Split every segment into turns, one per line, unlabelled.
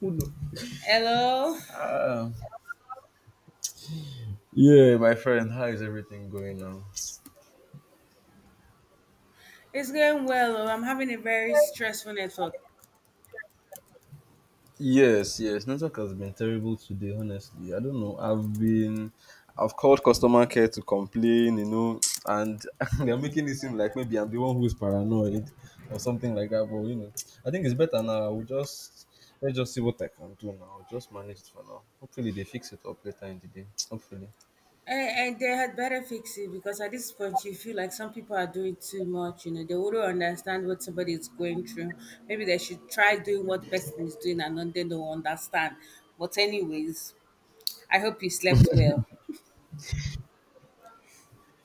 Who know?
Hello.
Ah, yeah, my friend, how is everything going now?
It's going well. Oh. I'm having a very stressful network.
Yes, yes, network has been terrible today, honestly. I don't know. I've called customer care to complain, you know, and they're making it seem like maybe I'm the one who's paranoid or something like that. But, you know, I think it's better now. Let's just see what I can do now. I'll just manage it for now. Hopefully, they fix it up later in the day. Hopefully.
And they had better fix it because at this point you feel like some people are doing too much, you know. They wouldn't understand what somebody is going through. Maybe they should try doing what the person is doing and then they don't understand. But anyways, I hope you slept well.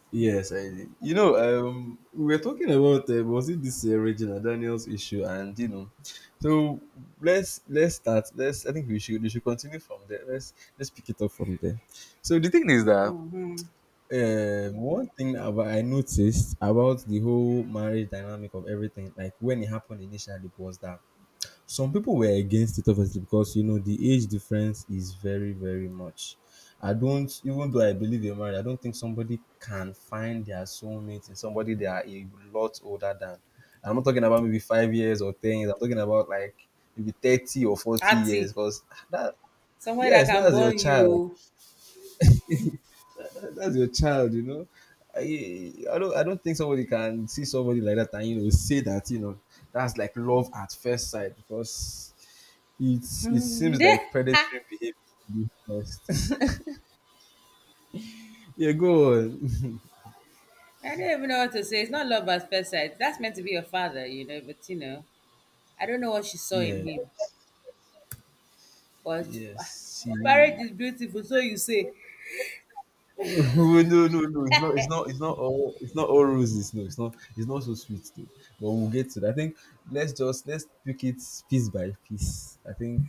Yes, did. We were talking about was it this Regina Daniels issue, and so let's start. Let's I think we should continue from there. Let's pick it up from there. So the thing is that
Mm-hmm.
one thing about, I noticed about the whole marriage dynamic of everything, like when it happened initially, was that some people were against it obviously because you know the age difference is very, very much. I don't even though I believe in marriage, I don't think somebody can find their soulmate in somebody they are a lot older than. I'm not talking about maybe 5 years or 10 years, I'm talking about like maybe 30 or forty
Ati,
years because that
somewhere that
yes,
can
that's your
burn
child.
you.
That's your child, you know. I don't think somebody can see somebody like that and you know say that you know that's like love at first sight because it it
oh.
seems like predatory behavior. To be honest. Yeah, go on.
I don't even know what to say. It's not love at first sight. That's meant to be your father, you know, but you know, I don't know what she saw in
Yeah,
him. But ah,
yes, she
marriage is beautiful, so you say.
no, no, no. No. It's not. It's not. It's not all. It's not all roses. No, it's not. It's not so sweet though. But we'll get to that. I think let's pick it piece by piece. I think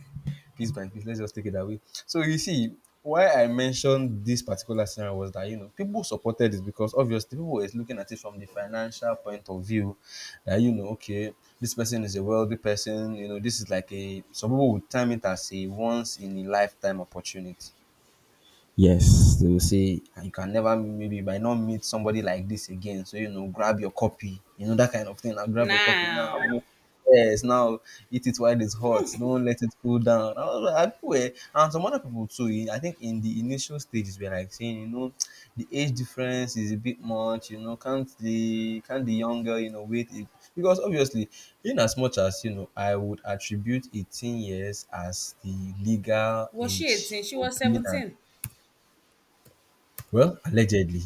piece by piece. Let's just take it that way. So you see, why I mentioned this particular scenario was that you know people supported it because obviously people were looking at it from the financial point of view. That you know, okay, this person is a wealthy person. You know, this is like a some people would term it as a once in a lifetime opportunity. Yes, they will say, "Ah, you can never maybe you might not meet somebody like this again. So you know, grab your copy. You know that kind of thing. Now grab your copy now. Mo-"
Now,
Yes, now eat it while it's hot. Don't let it cool down. I was like, I feel eh, and some other people too. In- I think in the initial stages we're like saying, you know, the age difference is a bit much. You know, can't the young girl you know wait it because obviously, in as much as you know, I would attribute 18 years as the legal
was she
age
18? She
for
was
being
17.
well, allegedly,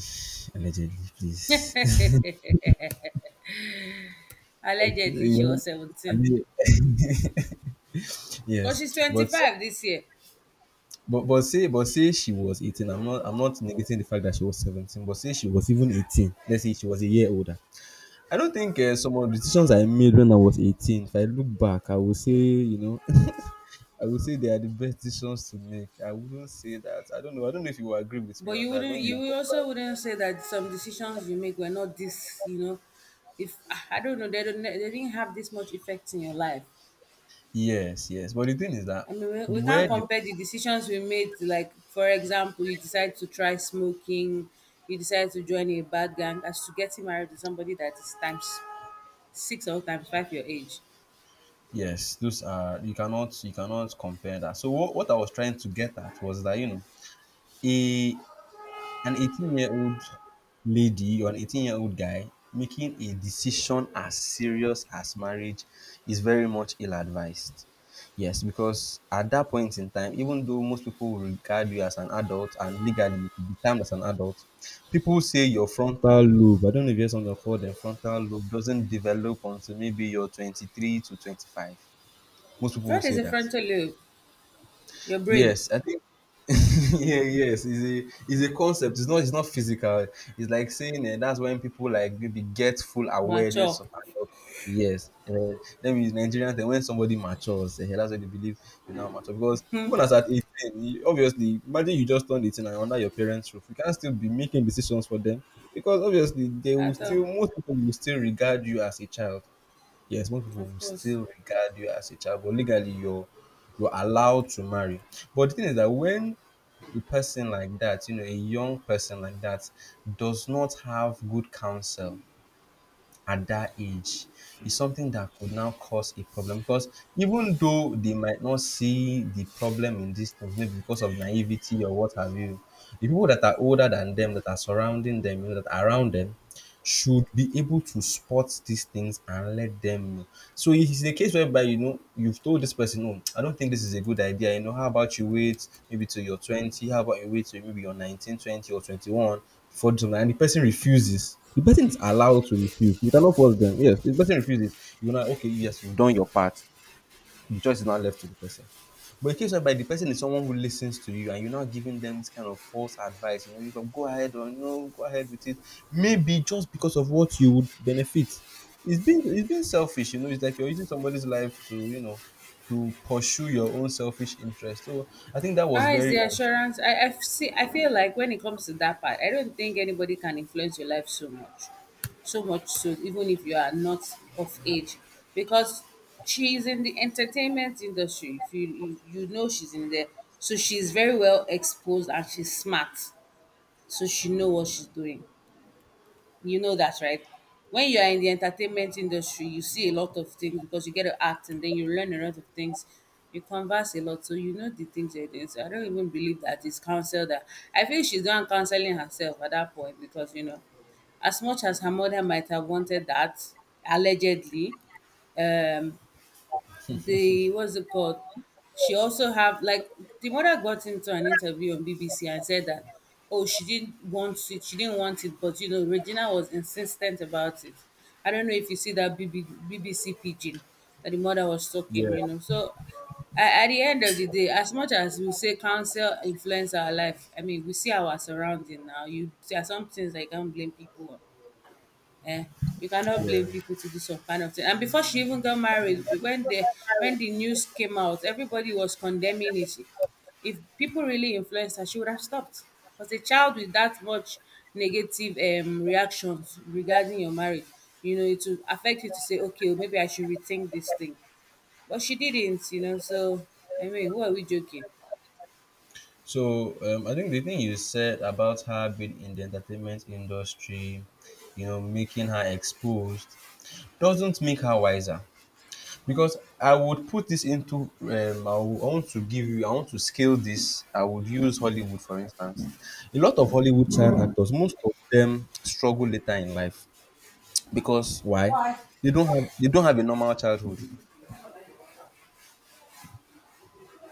allegedly, please.
Allegedly,
You
she
know,
was
I
17.
mean,
But she's
yes,
25 this year.
but say she was 18. I'm not negating the fact that she was 17. But say she was even 18. Let's say she was a year older. I don't think some of the decisions I made when I was 18. If I look back, I will say you know I will say they are the best decisions to make. I wouldn't say that. I don't know. I don't know if you will agree with me
But
on
you
that. When
wouldn't,
you
you will
look
also
back,
wouldn't say that some decisions you make were not this, you know. If I don't know, they didn't have this much effect in your life.
yes, yes. But the thing is that
I mean, we can't
where the
compare the decisions we made. Like, for example, you decide to try smoking, you decide to join a bad gang, as to getting married to somebody that is times six or times five your age.
yes, those are you cannot compare that. So what I was trying to get at was that you know a an 18 year old lady or an 18 year old guy making a decision as serious as marriage is very much ill advised. Yes, because at that point in time, even though most people will regard you as an adult and legally you could be termed as an adult, people say your frontal lobe, I don't know if you hear something called the frontal lobe, doesn't develop until maybe you're 23 to 25. Most people will
What is
say
a
that.
frontal lobe? Your brain,
Yes, I think. Yeah, yes, it's a concept. It's not physical. It's like saying eh, that's when people like maybe get full awareness
mature.
of adulthood. Yes, then with Nigerians, then when somebody matures, eh, that's when they believe you now mature. Because even as at 18, you, obviously, imagine you just turned 18 and you're under your parents' roof. You can't still be making decisions for them because obviously they will
At all,
still most people will still regard you as a child. Yes, most people will
of course.
still regard you as a child, but legally you're allowed to marry. But the thing is that when a person like that, you know, a young person like that does not have good counsel at that age, is something that could now cause a problem because even though they might not see the problem in these things, maybe because of naivety or what have you, the people that are older than them, that are surrounding them, you know, that are around them, should be able to spot these things and let them know. So it's a case whereby you know you've told this person, "No, I don't think this is a good idea. You know, how about you wait maybe till you're 20? How about you wait till maybe you're 19, 20, or 21 before doing something?" And the person refuses. The person is allowed to refuse. You cannot force them. Yes, the person refuses. You know, okay, yes, you've done your part, the choice is now left to the person. But in case whereby the person is someone who listens to you and you're not giving them this kind of false advice, you know, you can go ahead or no, go ahead with it. Maybe just because of what you would benefit. It's being selfish, you know, it's like you're using somebody's life to, you know, to pursue your own selfish interest. So I think that was
It's
very
the
unfair.
assurance. I see. I feel like when it comes to that part, I don't think anybody can influence your life so much, so much so even if you are not of age, because she is in the entertainment industry. If you know she's in there, so she's very well exposed and she's smart, so she know what she's doing. You know that, right? When you are in the entertainment industry, you see a lot of things because you get to act and then you learn a lot of things. You converse a lot, so you know the things you're doing. So I don't even believe that it's counsel that I feel she's not counseling herself at that point because you know, as much as her mother might have wanted that, allegedly, um, the what's it called? She also have like the mother got into an interview on BBC and said that oh she didn't want it, she didn't want it, but you know Regina was insistent about it. I don't know if you see that BBC pigeon that the mother was talking,
Yeah,
you know. So at the end of the day, as much as we say counsel influence our life, I mean we see our surrounding now. You there are some things I can't blame people on um you cannot blame
yeah.
people to do some kind of thing, and before she even got married when the news came out, everybody was condemning it. If people really influenced her, she would have stopped because a child with that much negative reactions regarding your marriage, you know it will affect you to say okay oh, maybe I should rethink this thing. But she didn't, you know. So I mean, who are we joking?
So I think the thing you said about her being in the entertainment industry, you know, making her exposed doesn't make her wiser. Because I would put this into I want to give you, I want to scale this. I would use Hollywood, for instance. A lot of Hollywood child actors, most of them struggle later in life because why? They don't have a normal childhood.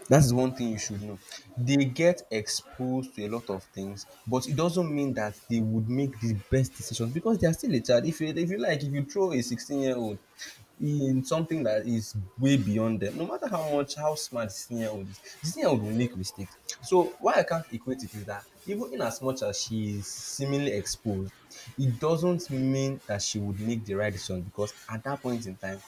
That is one thing you should know. They get exposed to a lot of things, but it doesn't mean that they would make the best decisions because they are still a child. If you like, if you throw a 16-year-old in something that is way beyond them, no matter how smart the 16-year-old is, the 16-year-old will make mistakes. So why I can't equate it is that even in as much as she is seemingly exposed, it doesn't mean that she would make the right decision because at that point in time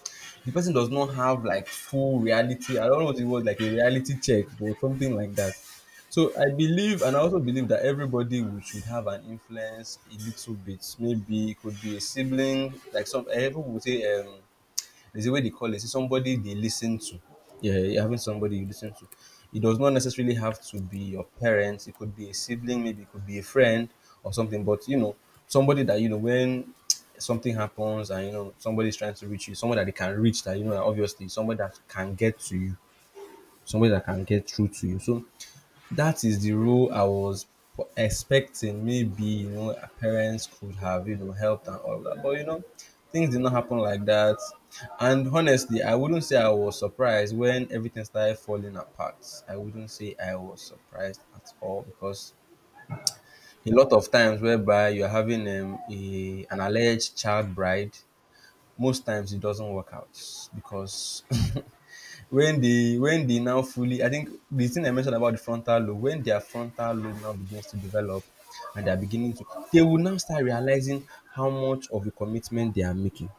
the person does not have like full reality. I don't know what it was like a reality check or something like that. So I believe, and I also believe that everybody would, should have an influence a little bit. Maybe it could be a sibling, like some eh, people would say. There's a way they call it. It's somebody they listen to. Yeah, you're having somebody you listen to. It does not necessarily have to be your parents. It could be a sibling, maybe it could be a friend or something. But you know, somebody that you know when something happens and you know somebody's trying to reach you, someone that they can reach that you know that obviously somebody that can get to you, somebody that can get through to you. So that is the role I was expecting. Maybe, you know, her parents could have, you know, helped and all that. But, you know, things did not happen like that. And honestly, I wouldn't say I was surprised when everything started falling apart. I wouldn't say I was surprised at all because a lot of times whereby you're having an alleged child bride, most times it doesn't work out because when they now fully I think the thing I mentioned about the frontal lobe, when their frontal lobe now begins to develop and they're beginning to they will now start realizing how much of a commitment they are making.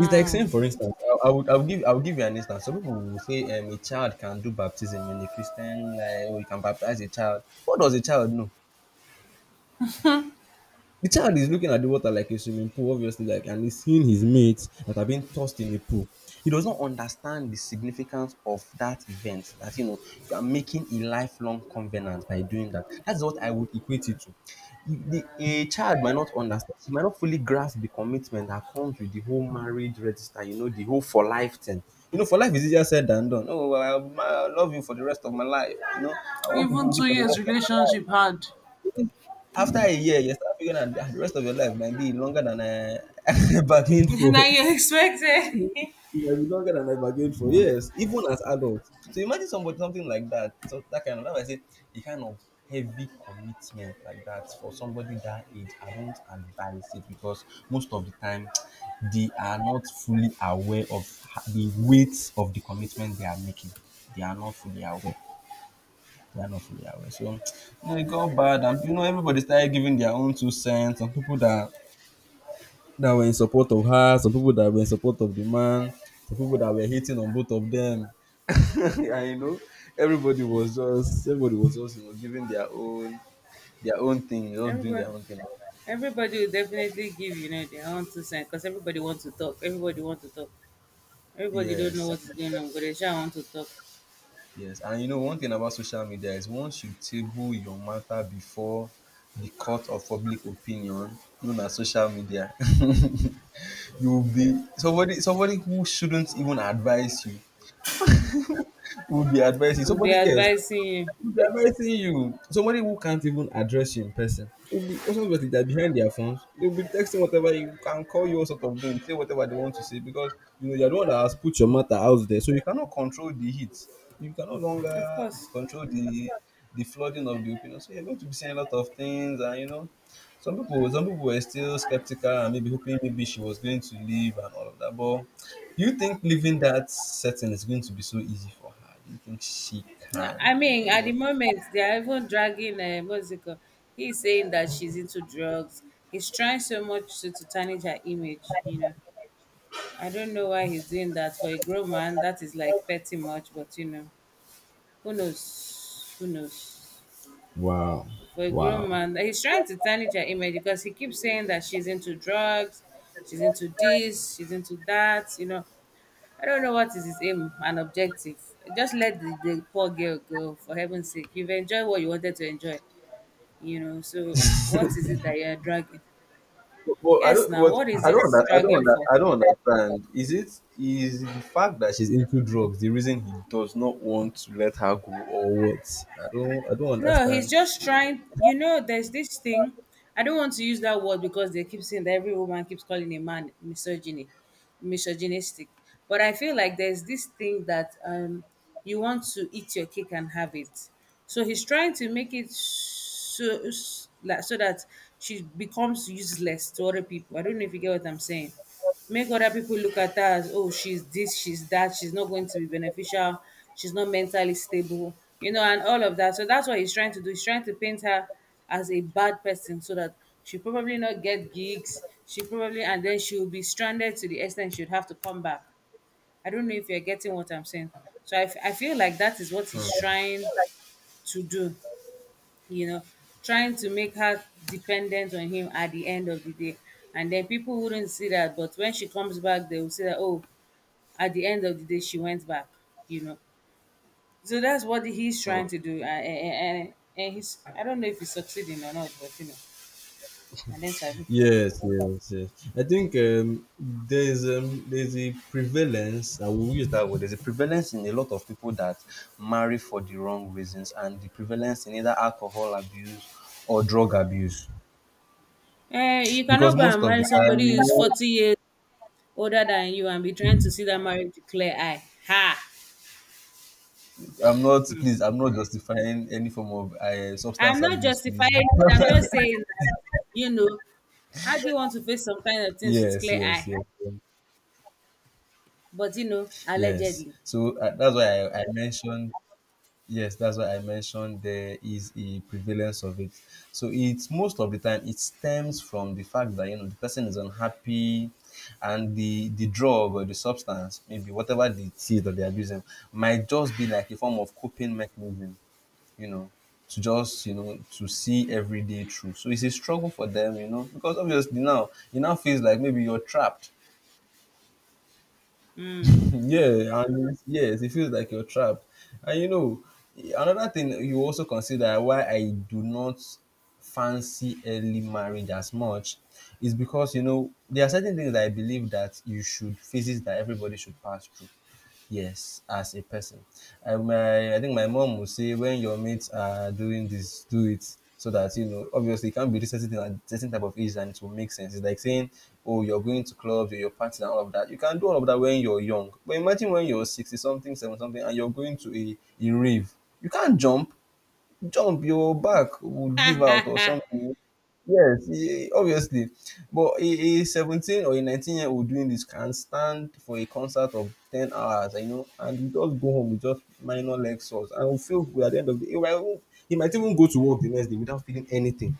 It's like saying, for instance, I would give you an instance. Some people will say a child can do baptism in the Christian, like we can baptize a child. What does a child know? The child is looking at the water like a swimming pool, obviously, and he's seeing his mates that are being tossed in a pool. He does not understand the significance of that event. That, you know, you are making a lifelong covenant by doing that. That's what I would equate it to. A child might not understand. He might not fully grasp the commitment that comes with the whole marriage register. You know, the whole for life thing. You know, for life is easier said than done. Oh, well, I love you for the rest of my life. You know, I want to be
Even
with you
two
for the
years
rest of my life.
relationship had.
After a year, you start figuring out, ah, the rest of your life might be longer than I bargained
Now
for.
you expected.
It might be longer than I bargained for. Yes, even as adults. So imagine somebody, something like that. So that kind of, that I say the kind of heavy commitment like that for somebody that age, I don't advise it, because most of the time they are not fully aware of the weight of the commitment they are making. They are not fully aware. They are not fully aware. So, you know, it got bad, and you know everybody started giving their own two cents. Some people that were in support of her, some people that were in support of the man, some people that were hating on both of them. And you know, everybody was just you know giving their own just doing
Everybody,
their own thing.
everybody will definitely give you know their own two cents because everybody wants to talk. Everybody wants to talk. Everybody don't know
Yes,
what is going on, but they sure want to talk.
yes. And you know, one thing about social media is once you table your matter before the court of public opinion, known as social media, you'll be somebody who shouldn't even advise you will be advising
We'll be
somebody. Yes,
advising you,
they're embarrassing you. Somebody who can't even address you in person will be, because obviously they're behind their phones, they'll be texting whatever, you can call you all sort of names, say whatever they want to say, because you know you're the one that has put your matter out there. So you cannot control the heat. You can no
of
longer
course.
control the flooding of the opinion. So you're going to be seeing a lot of things, and you know some people were still skeptical and maybe hoping maybe she was going to leave and all of that. But do you think leaving that setting is going to be so easy for her? Do you think she
No,
can,
I
eh,
mean,
you
at the
know?
moment they are even dragging what's it called? He's saying that she's into drugs. He's trying so much to tarnish her image. You know, I don't know why he's doing that for a grown man. That is like petty much, but you know, who knows? Who knows? For a grown man. Like, he's trying to tarnish her image because he keeps saying that she's into drugs, she's into this, she's into that. You know, I don't know what is his aim and objective. Just let the poor girl go, for heaven's sake. You've enjoyed what you wanted to enjoy, you know. So, what is it that you're dragging?
Well, I
Yes,
don't.
now,
What
what is
I don't.
it
Under- I don't.
dragging
Under-
for?
I don't understand. Is it? Is it the fact that she's into drugs the reason he does not want to let her go, or what? I don't
No, he's
understand.
just trying. You know, there's this thing. I don't want to use that word because they keep saying that every woman keeps calling a man misogyny, misogynistic. But I feel like there's this thing that you want to eat your cake and have it. So he's trying to make it so like so that she becomes useless to other people. I don't know if you get what I'm saying. Make other people look at her as oh she's this, she's that, she's not going to be beneficial, she's not mentally stable, you know, and all of that. So that's what he's trying to do. He's trying to paint her as a bad person so that she probably not get gigs, she probably, and then she'll be stranded to the extent she'd have to come back. I don't know if you're getting what I'm saying. So I feel like that is what
Hmm,
he's trying to do, you know, trying to make her dependent on him at the end of the day. And then people wouldn't see that, but when she comes back, they will say that, oh, at the end of the day, she went back, you know. So that's what he's
hmm.
trying to do. And, and he's, I don't know if he's succeeding or not, but you know, and then Sabi.
Yes, yes, yes. I think there's a prevalence. I will use that word. There's a prevalence in a lot of people that marry for the wrong reasons, and the prevalence in either alcohol abuse or drug abuse.
You
Because
cannot go
most
and
of
marry
the time, you
somebody who's
know,
40 years older than you and be trying to see that marriage declare I. Ha!
I'm not justifying any form of substance
I'm not
abuse, please.
justifying it. I'm just saying that, you know, how do you want to face some kind of things with
yes,
clear
yes,
eye?
yes,
But, you know,
yes.
allegedly.
So that's why I mentioned, yes, that's why I mentioned there is a prevalence of it. So it's most of the time, it stems from the fact that you know the person is unhappy, and the drug or the substance, maybe whatever the it is that they're abusing, might just be like a form of coping mechanism, you know, to just, you know, to see every day through. So it's a struggle for them, you know, because obviously now it now feels like maybe you're trapped.
Mm,
Yeah, yes, it feels like you're trapped. And you know, another thing you also consider why I do not fancy early marriage as much is because you know there are certain things that I believe that you should phases that everybody should pass through. Yes, as a person. I think my mom would say, when your mates are doing this, do it. So that, you know, obviously, it can't be this certain thing at certain type of age, and it will make sense. It's like saying, "Oh, you're going to clubs, or you're partying, and all of that." You can do all of that when you're young, but imagine when you're sixty something, seven something, and you're going to a rave. You can't jump, your back would give out or something. Yes, eh, obviously. But a 17 or a 19-year-old doing this can stand for a concert of 10 hours, you know, and we just go home with just minor leg sores, and we feel good at the end of the day. He might even go to work the next day without feeling anything.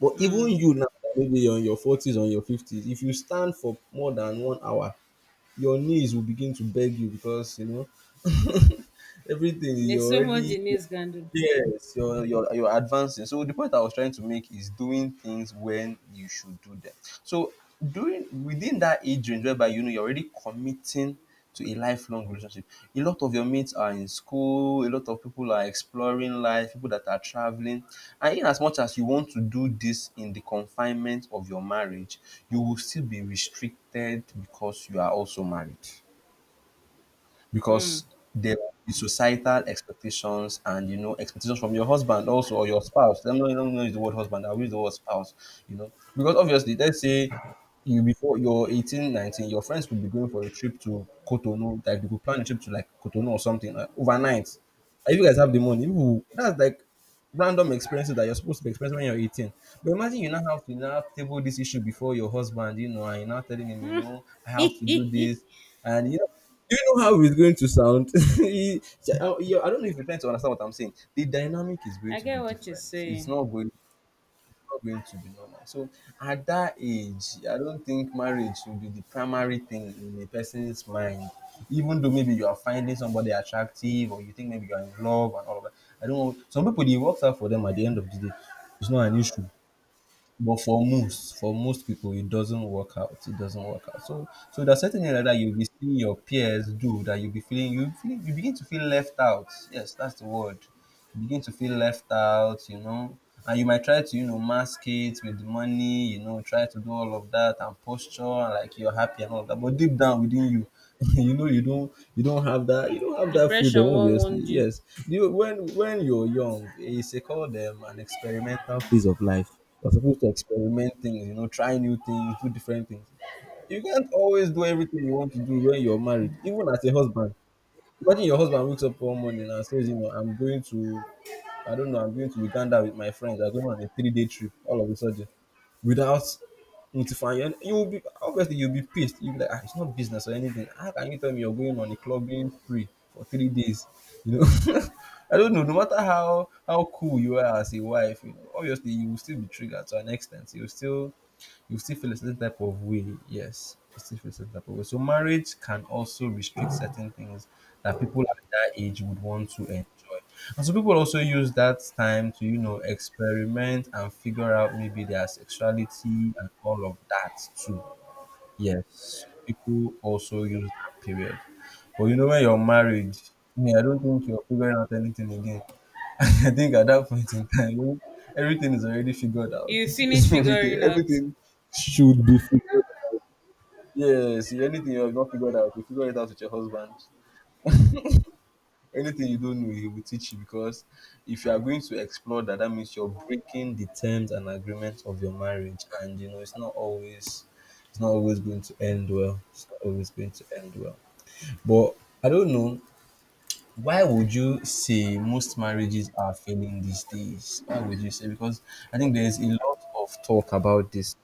But even
mm.
you now, that maybe you're in your 40s or your 50s, if you stand for more than 1 hour, your knees will begin to beg you because, you know, everything,
There's
you're
so much
already—
the news can do.
yes, you're advancing. So the point I was trying to make is doing things when you should do them. So doing within that age range whereby you know you're already committing to a lifelong relationship. A lot of your mates are in school, a lot of people are exploring life, people that are traveling. And in as much as you want to do this in the confinement of your marriage, you will still be restricted because you are also married,
Mm.
because there will be societal expectations and you know expectations from your husband also, or your spouse. Let me not use the word husband, I'll use the word spouse. You know, because obviously, let's say you, before you're 18, 19, your friends could be going for a trip to Cotonou. Like they could plan a trip to like Cotonou or something, like overnight. And if you guys have the money, people— that's like random experiences that you're supposed to be experiencing when you're 18. But imagine you now have to now table this issue before your husband, you know, and you're now telling him, you know, I have to do this. And you know, do you know how it's going to sound? He- I don't know if you're trying to understand what I'm saying. The dynamic is going
I
to be
get what you're
different. It's
saying.
not going to be normal. So at that age, I don't think marriage should be the primary thing in a person's mind. Even though maybe you are finding somebody attractive, or you think maybe you are in love and all of that. I don't know. Some people, it works out for them at the end of the day. It's not an issue. But for most people, it doesn't work out. It doesn't work out. So, so there's certain area that you'll be seeing your peers do that you'll be feeling you begin to feel left out. Yes, that's the word. You begin to feel left out. You know, and you might try to, you know, mask it with money. You know, try to do all of that and posture like you're happy and all of that. But deep down within you, you know you don't have that you don't have that
Depression
freedom,
won't
obviously.
wound you.
Yes, you, when you're young, it's a called an experimental phase of life, you're supposed to experiment things, you know, try new things, do different things. You can't always do everything you want to do when you're married, even as a husband. Imagine your husband wakes up one morning and says, you know, I don't know, I'm going to Uganda with my friends. I'm going on a 3 day trip all of a sudden without notifying you. And you will be, obviously, you'll be pissed. You'll be like, ah, it's not business or anything. How can you tell me you're going on a clubbing spree for 3 days? You know, I don't know. No matter how cool you are as a wife, you know, obviously you will still be triggered to an extent. You still feel a certain type of way. Yes, you still feel a certain type of way. So marriage can also restrict certain things that people at that age would want to enjoy. And so people also use that time to, you know, experiment and figure out maybe their sexuality and all of that too. Yes, people also use that period. But you know, when you're married, I mean, I don't think you're figuring out anything again. I think at that point in time, you know, everything is already figured out.
You finish figuring out.
Everything should be figured. Yes, anything you have not figured out, you figure it out with your husband. Anything you don't know, he will teach you because if you are going to explore that, that means you're breaking the terms and agreements of your marriage, and you know it's not always going to end well. It's not always going to end well. But I don't know. Why would you say most marriages are failing these days? Why would you say? Because I think there's a lot of talk about this.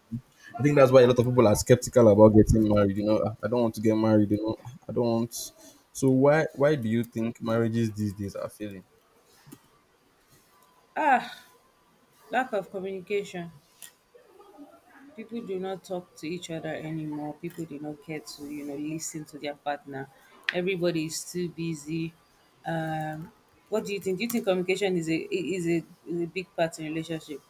I think that's why a lot of people are skeptical about getting married. You know, "Ah, I don't want to get married. You know, I don't want." So why do you think marriages these days are failing?
Ah, lack of communication. People do not talk to each other anymore. People do not care to, you know, listen to their partner. Everybody is too busy. Um, what do you think? Do you think communication is a big part in relationship?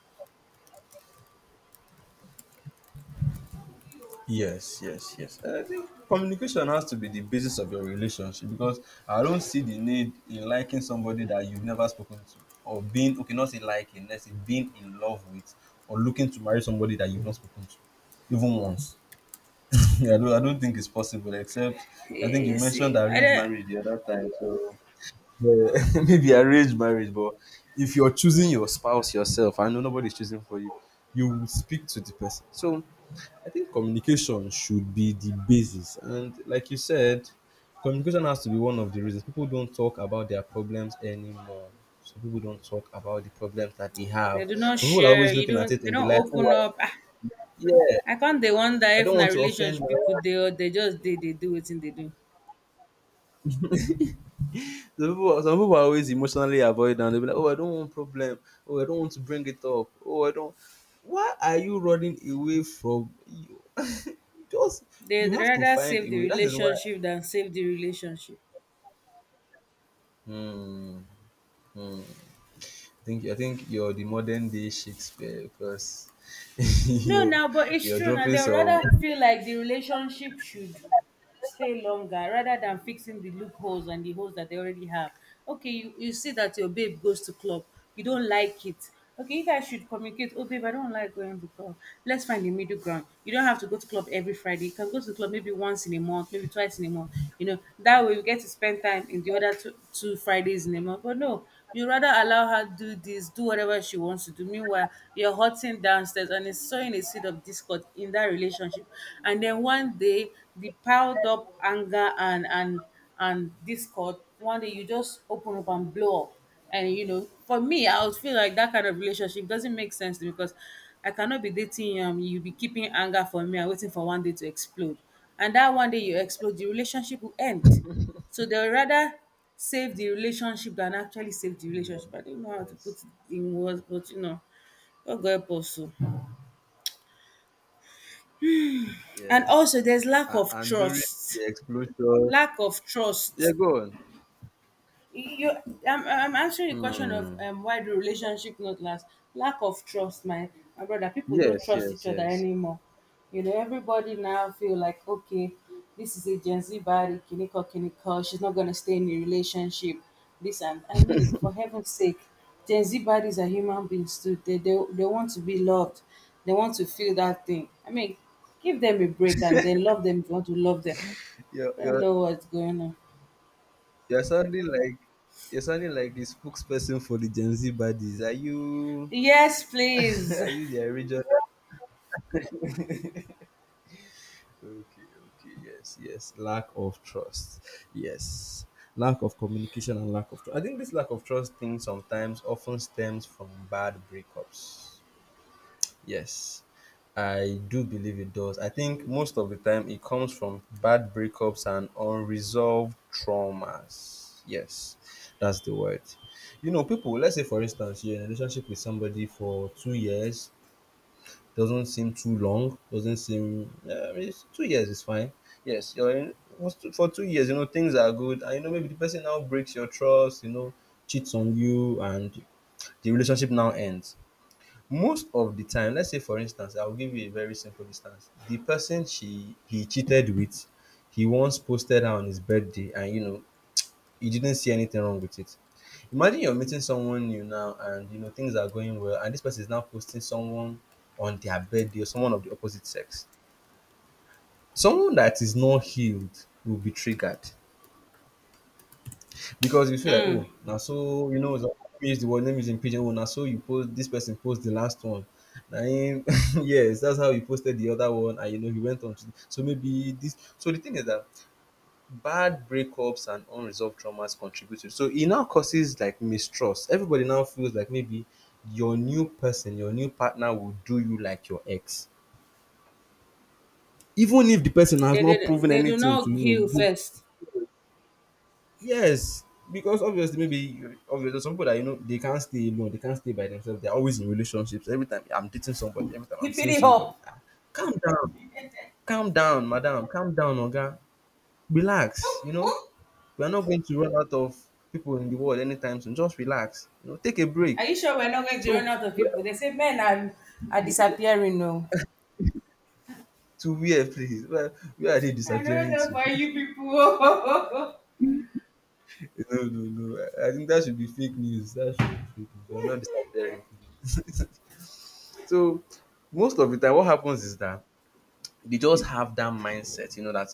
Yes, yes, yes. And I think communication has to be the basis of your relationship because I don't see the need in liking somebody that you've never spoken to or being okay, not say liking, let's say being in love with or looking to marry somebody that you've not spoken to even once. I don't think it's possible except I
Eh,
think you
you
mentioned
see, I
arranged
don't,
marriage the other time. So yeah, maybe arranged marriage, but if you're choosing your spouse yourself, I know nobody's choosing for you, you will speak to the person. So I think communication should be the basis. And like you said, communication has to be one of the reasons. People don't talk about their problems anymore. So people don't talk about the problems that they
they
have.
do not
So people are
share.
always
You
looking at
don't.
it
They
in the
don't
light. "Oh,
open up. Ah,
yeah,
I can't. They wonder
I
if
don't
na
want to offend my
relationship people
wife."
they or they just they do wetin they do.
Some people are always emotionally avoidant. They'll be like, oh, I don't want problem. Oh, I don't want to bring it up. Oh, I don't. Why are you running away from you? Just you
They'd
have to
rather
find
save
a
the
way. That is why.
relationship than save the relationship.
Hmm. Hmm. I think you're the modern day Shakespeare because
No,
you're
now, but it's
you're
true. Now
dropping
they'll
some.
rather feel like the relationship should stay longer rather than fixing the loopholes and the holes that they already have. Okay, you see that your babe goes to club, you don't like it. Okay, you guys should communicate. Oh, babe, I don't like going to club. Let's find the middle ground. You don't have to go to club every Friday. You can go to the club maybe once in a month, maybe twice in a month. You know, that way you get to spend time in the other two Fridays in a month. But no, you rather allow her to do this, do whatever she wants to do. Meanwhile, you're hurting downstairs and it's sowing a seed of discord in that relationship. And then one day, the piled up anger and discord, one day you just open up and blow up. And you know, for me, I would feel like that kind of relationship doesn't make sense to me because I cannot be dating you be keeping anger for me and waiting for one day to explode. And that one day you explode, the relationship will end. So they'll rather save the relationship than actually save the relationship. I don't know how to put
Yes.
it in words, but you know, God go help us. O. And also
Yes.
there's lack
And,
of
and during
trust.
the explosion,
Lack of
yeah,
trust.
go on.
You, I'm answering the question of
Hmm.
why the relationship not last. Lack of trust, my brother. People don't
Yes.
trust
Yes.
each other
Yes.
anymore. You know, everybody now feel like, okay, this is a Gen Z body, kiniko kiniko. She's not gonna stay in a relationship. This and I mean, for heaven's sake, Gen Z bodies are human beings too. They want to be loved. They want to feel that thing. I mean, give them a break and then love them if you want to love them.
You're,
I don't
you're,
know what's going on.
you're sounding like the spokesperson for the Gen Z buddies. Are you
Yes, please.
are you their regional? Okay, okay, yes, yes. Lack of trust. Yes. Lack of communication and lack of trust. I think this lack of trust thing sometimes often stems from bad breakups. Yes, I do believe it does. I think most of the time it comes from bad breakups and unresolved traumas. Yes, that's the word. You know, people, let's say for instance, you're in a relationship with somebody for 2 years, doesn't seem too long, doesn't seem, yeah, I mean, it's- 2 years is fine. Yes, you're in, for 2 years, you know, things are good, and you know, maybe the person now breaks your trust, you know, cheats on you, and the relationship now ends most of the time. Let's say for instance, I'll give you a very simple instance. The person she he cheated with, he once posted her on his birthday, and you know, he didn't see anything wrong with it. Imagine you're meeting someone new now, and you know things are going well, and this person is now posting someone on their birthday or someone of the opposite sex. Someone that is not healed will be triggered, because you feel like,
Mm.
oh, now so you know, it's like, let me use the word, let me use it in pidgin. Oh, now so you post this person post the last one. Na him, yes, that's how he posted the other one, and you know he went on to. So maybe this. So the thing is that bad breakups and unresolved traumas contribute to. So it now causes like mistrust. Everybody now feels like maybe your new person, your new partner will do you like your ex, even if the person has not proven
They do
anything to you
not heal
know.
first.
Yes, because obviously, maybe you, obviously there's some people that you know they can't stay alone, they can't stay by themselves. They're always in relationships. Every time I'm dating somebody, every time I'm
Keep
seeing
it
somebody,
up.
ah, calm down, calm down, madam, calm down, Oga, relax. You know, we are not going to run out of people in the world anytime soon. Just relax. You know, take a
Are
break.
you sure we're not going to run
So
out of
where,
people? They say men are disappearing now.
to where, please? Where are they
I don't
disappearing
know
to?
for you people.
No, no, no. I think that should be fake news. That should be fake news. We are not disappearing. So most of the time, what happens is that they just have that mindset, you know, that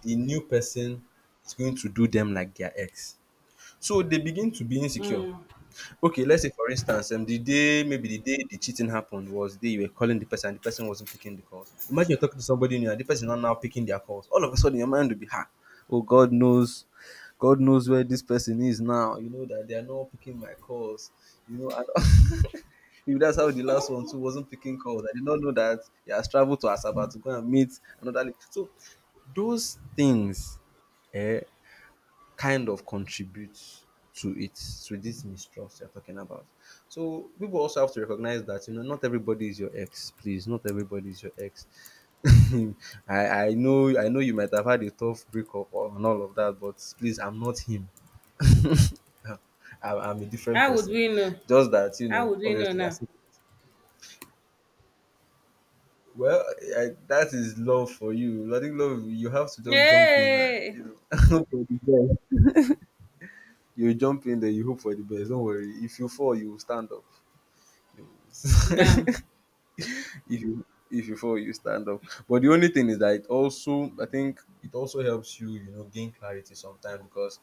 the new person is going to do them like their ex. So they begin to be insecure. Okay, let's say for instance, the day maybe the day the cheating happened was the day you were calling the person and the person wasn't picking the calls. Imagine you're talking to somebody new and the person is not now picking their calls. All of a sudden, your mind will be ha. Oh God knows where this person is now. You know that they are not picking my calls. You know, and if that's how the last one too wasn't picking calls, I did not know that he has traveled to Asaba to go and meet another lady. So those things, eh, kind of contributes to it, to this mistrust you're talking about. So people also have to recognize that you know not everybody is your ex. Please, not everybody is your ex. I know you might have had a tough breakup or- and all of that, but please, I'm not him. I'm a different
How would
person.
we know?
Just that you
How
know,
would we know
obviously, I
now?
said, well, that is love for you. I think love you have to just jump in and
Yay!
you know. You jump in there, you hope for the best. Don't worry. If you fall, you will stand up. You
Bam.
will- if you if you fall you stand up, but the only thing is that it also, I think it also helps you, you know, gain clarity sometimes, because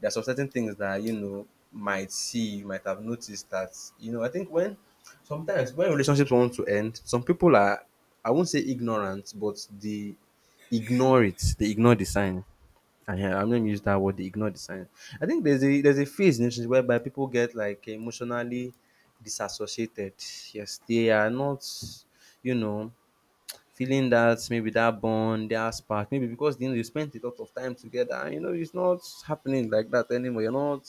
there are some certain things that you know might see you might have noticed that you know I think when sometimes when relationships want to end some people are, I won't say ignorant, but they ignore it, they ignore the sign. Hear I'm not gonna use that word. They ignore the sign. I think there's a phase in relationships whereby people get like emotionally disassociated. Yes, they are not, you know, feeling that maybe that bond, that spark, maybe because you know you spent a lot of time together, and you know it's not happening like that anymore. You're not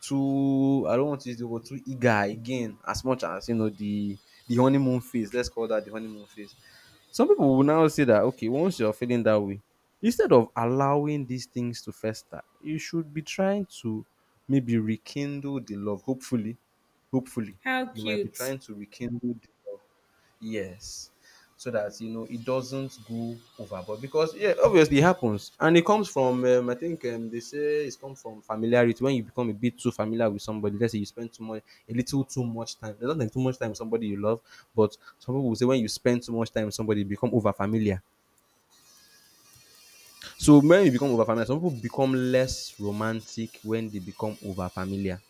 too, I don't want to use the word too eager again as much as you know the honeymoon phase. Let's call that the honeymoon phase. Some people will now say that okay, once you're feeling that way, instead of allowing these things to fester, you should be trying to maybe rekindle the love. Hopefully, hopefully,
How
you might be
cute.
trying to rekindle the love. Yes. So that you know it doesn't go overboard because yeah, obviously it happens and it comes from I think they say it's come from familiarity. When you become a bit too familiar with somebody, let's say you spend too much, a little too much time. There's nothing too much time with somebody you love, but some people will say when you spend too much time with somebody, you become over familiar. So when you become over familiar, some people become less romantic when they become over familiar.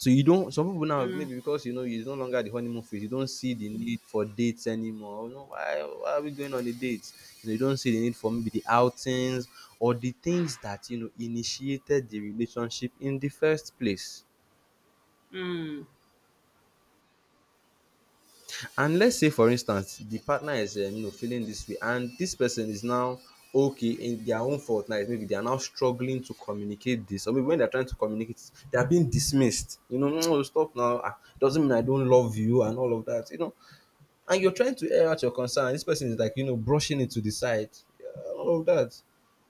So you don't. Some people now maybe because you know it's no longer the honeymoon phase. You don't see the need for dates anymore. You know why? Why are we going on a date? You know you don't see the need for maybe the outings or the things that you know initiated the relationship in the first place.
Hmm.
And let's say, for instance, the partner is you know, feeling this way, and this person is now okay in their own fault. Now, is maybe they are now struggling to communicate this, or maybe when they're trying to communicate, they are being dismissed. You know, no, stop now. Doesn't mean I don't love you and all of that. You know, and you're trying to air out your concern. This person is like, you know, brushing it to the side. Yeah, all of that.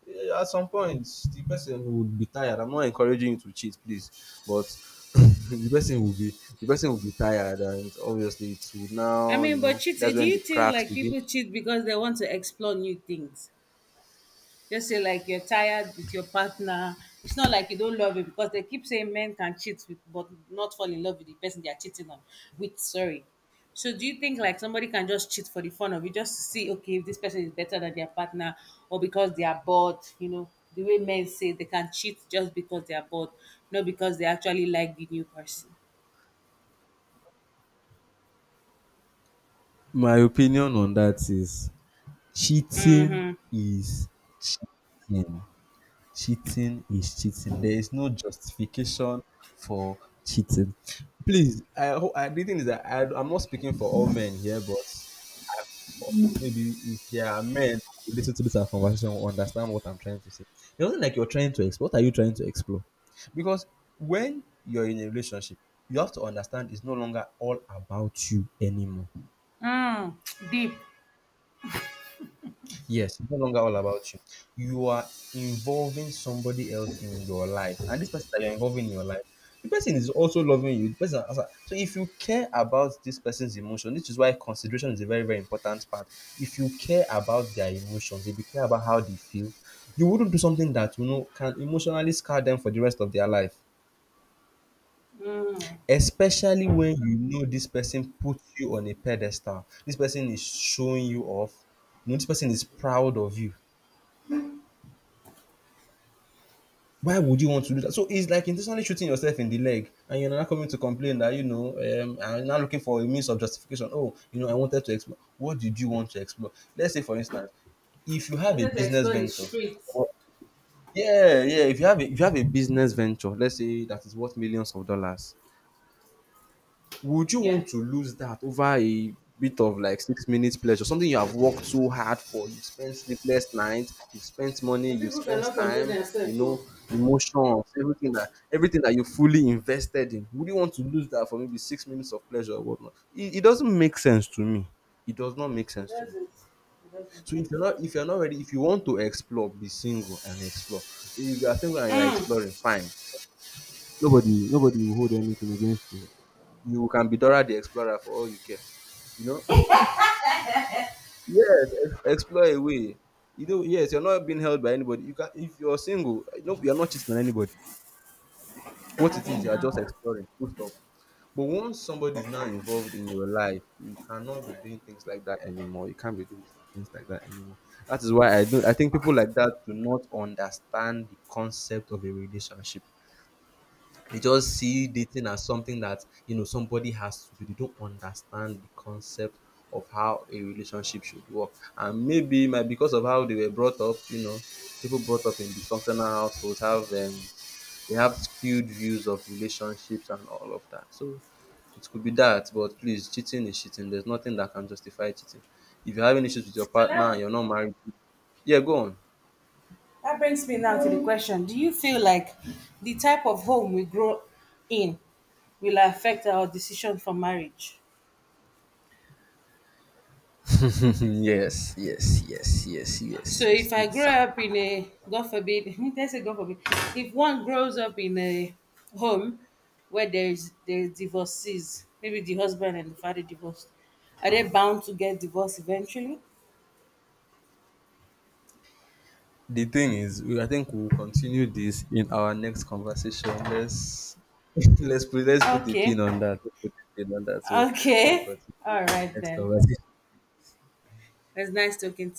Yeah, at some point, the person would be tired. I'm not encouraging you to cheat, please, but the person will be the person will be tired, and obviously, it will
I
now, you
mean, but
know,
cheat,
that's
do
when the
you feel
cracks
like
begin.
people cheat because they want to explore new things? Just say like you're tired with your partner. It's not like you don't love it because they keep saying men can cheat with, but not fall in love with the person they are cheating on with. Sorry. So do you think like somebody can just cheat for the fun of it, just to see okay if this person is better than their partner or because they are bored? You know the way men say they can cheat just because they are bored, not because they actually like the new person.
My opinion on that is cheating
Mm-hmm.
is cheating. Cheating is cheating. There is no justification for cheating. Please, I hope the thing is that I'm not speaking for all men here, but I, maybe if there are men who listen to this our conversation, will understand what I'm trying to say. It wasn't like you're trying to explore. What are you trying to explore? Because when you're in a relationship, you have to understand it's no longer all about you anymore.
Mm. Deep.
Yes, it's no longer all about you. You are involving somebody else in your life, and this person that you're involving in your life, the person is also loving you. The person, also- so if you care about this person's emotion, this is why consideration is a very, very important part. If you care about their emotions, if you care about how they feel, you wouldn't do something that you know can emotionally scar them for the rest of their life.
Mm.
Especially when you know this person puts you on a pedestal, this person is showing you off, you know, this person is proud of you, why would you want to do that? So it's like intentionally shooting yourself in the leg, and you're not coming to complain that I'm not looking for a means of justification. Oh, you know, I wanted to explore. What did you want to explore? Let's say, for instance, if you have a
Wanted to
business
explore the
venture,
streets.
or- yeah, yeah, if you have if you have a business venture, let's say that is worth millions of dollars, would you
Yeah.
want to lose that over a bit of like 6 minutes pleasure? Something you have worked so hard for, you've spent sleepless nights, you've spent money,
But
you've
people
spent
cannot control
time,
themselves. So.
emotions, everything that you fully invested in. Would you want to lose that for maybe 6 minutes of pleasure or whatnot? It doesn't make sense to me. It does not make
It
sense to me.
doesn't. It doesn't
So
actually.
if you're not ready, if you want to explore, be single and explore. If you are single and you are exploring,
Mm.
fine. Nobody will hold anything against you. You can be Dora the Explorer for all you care, you know. Yes, explore a way, you know. Yes, you're not being held by anybody. You can, if you're single, no, you're not cheating on anybody. What it
Having
is, you're just
now.
exploring, full stop. But once somebody is now involved in your life, you cannot be doing things like that anymore. You can't be doing things like that anymore. That is why I think people like that do not understand the concept of a relationship. They just see dating as something that somebody has to do. They don't understand the concept of how a relationship should work. And maybe my because of how they were brought up, you know, people brought up in dysfunctional households have they have skewed views of relationships and all of that. So it could be that, but please, cheating is cheating. There's nothing that can justify cheating. If you're having issues with
So
your partner and you're not married, yeah, go on.
that brings me now to the question: Do you feel like the type of home we grow in will affect our decision for marriage?
Yes, yes, yes, yes, yes,
So
yes.
if I grow
It's—
up in a God forbid, let's say God forbid, if one grows up in a home where there's divorces, maybe the husband and the father divorced, are they bound to get divorced eventually?
the thing is, we, I think we'll continue this in our next conversation. Let's let's put a
Okay,
pin on that. Let's put a pin on that. So we'll
okay,
continue
all
our
right
next
then.
conversation.
It's nice talking to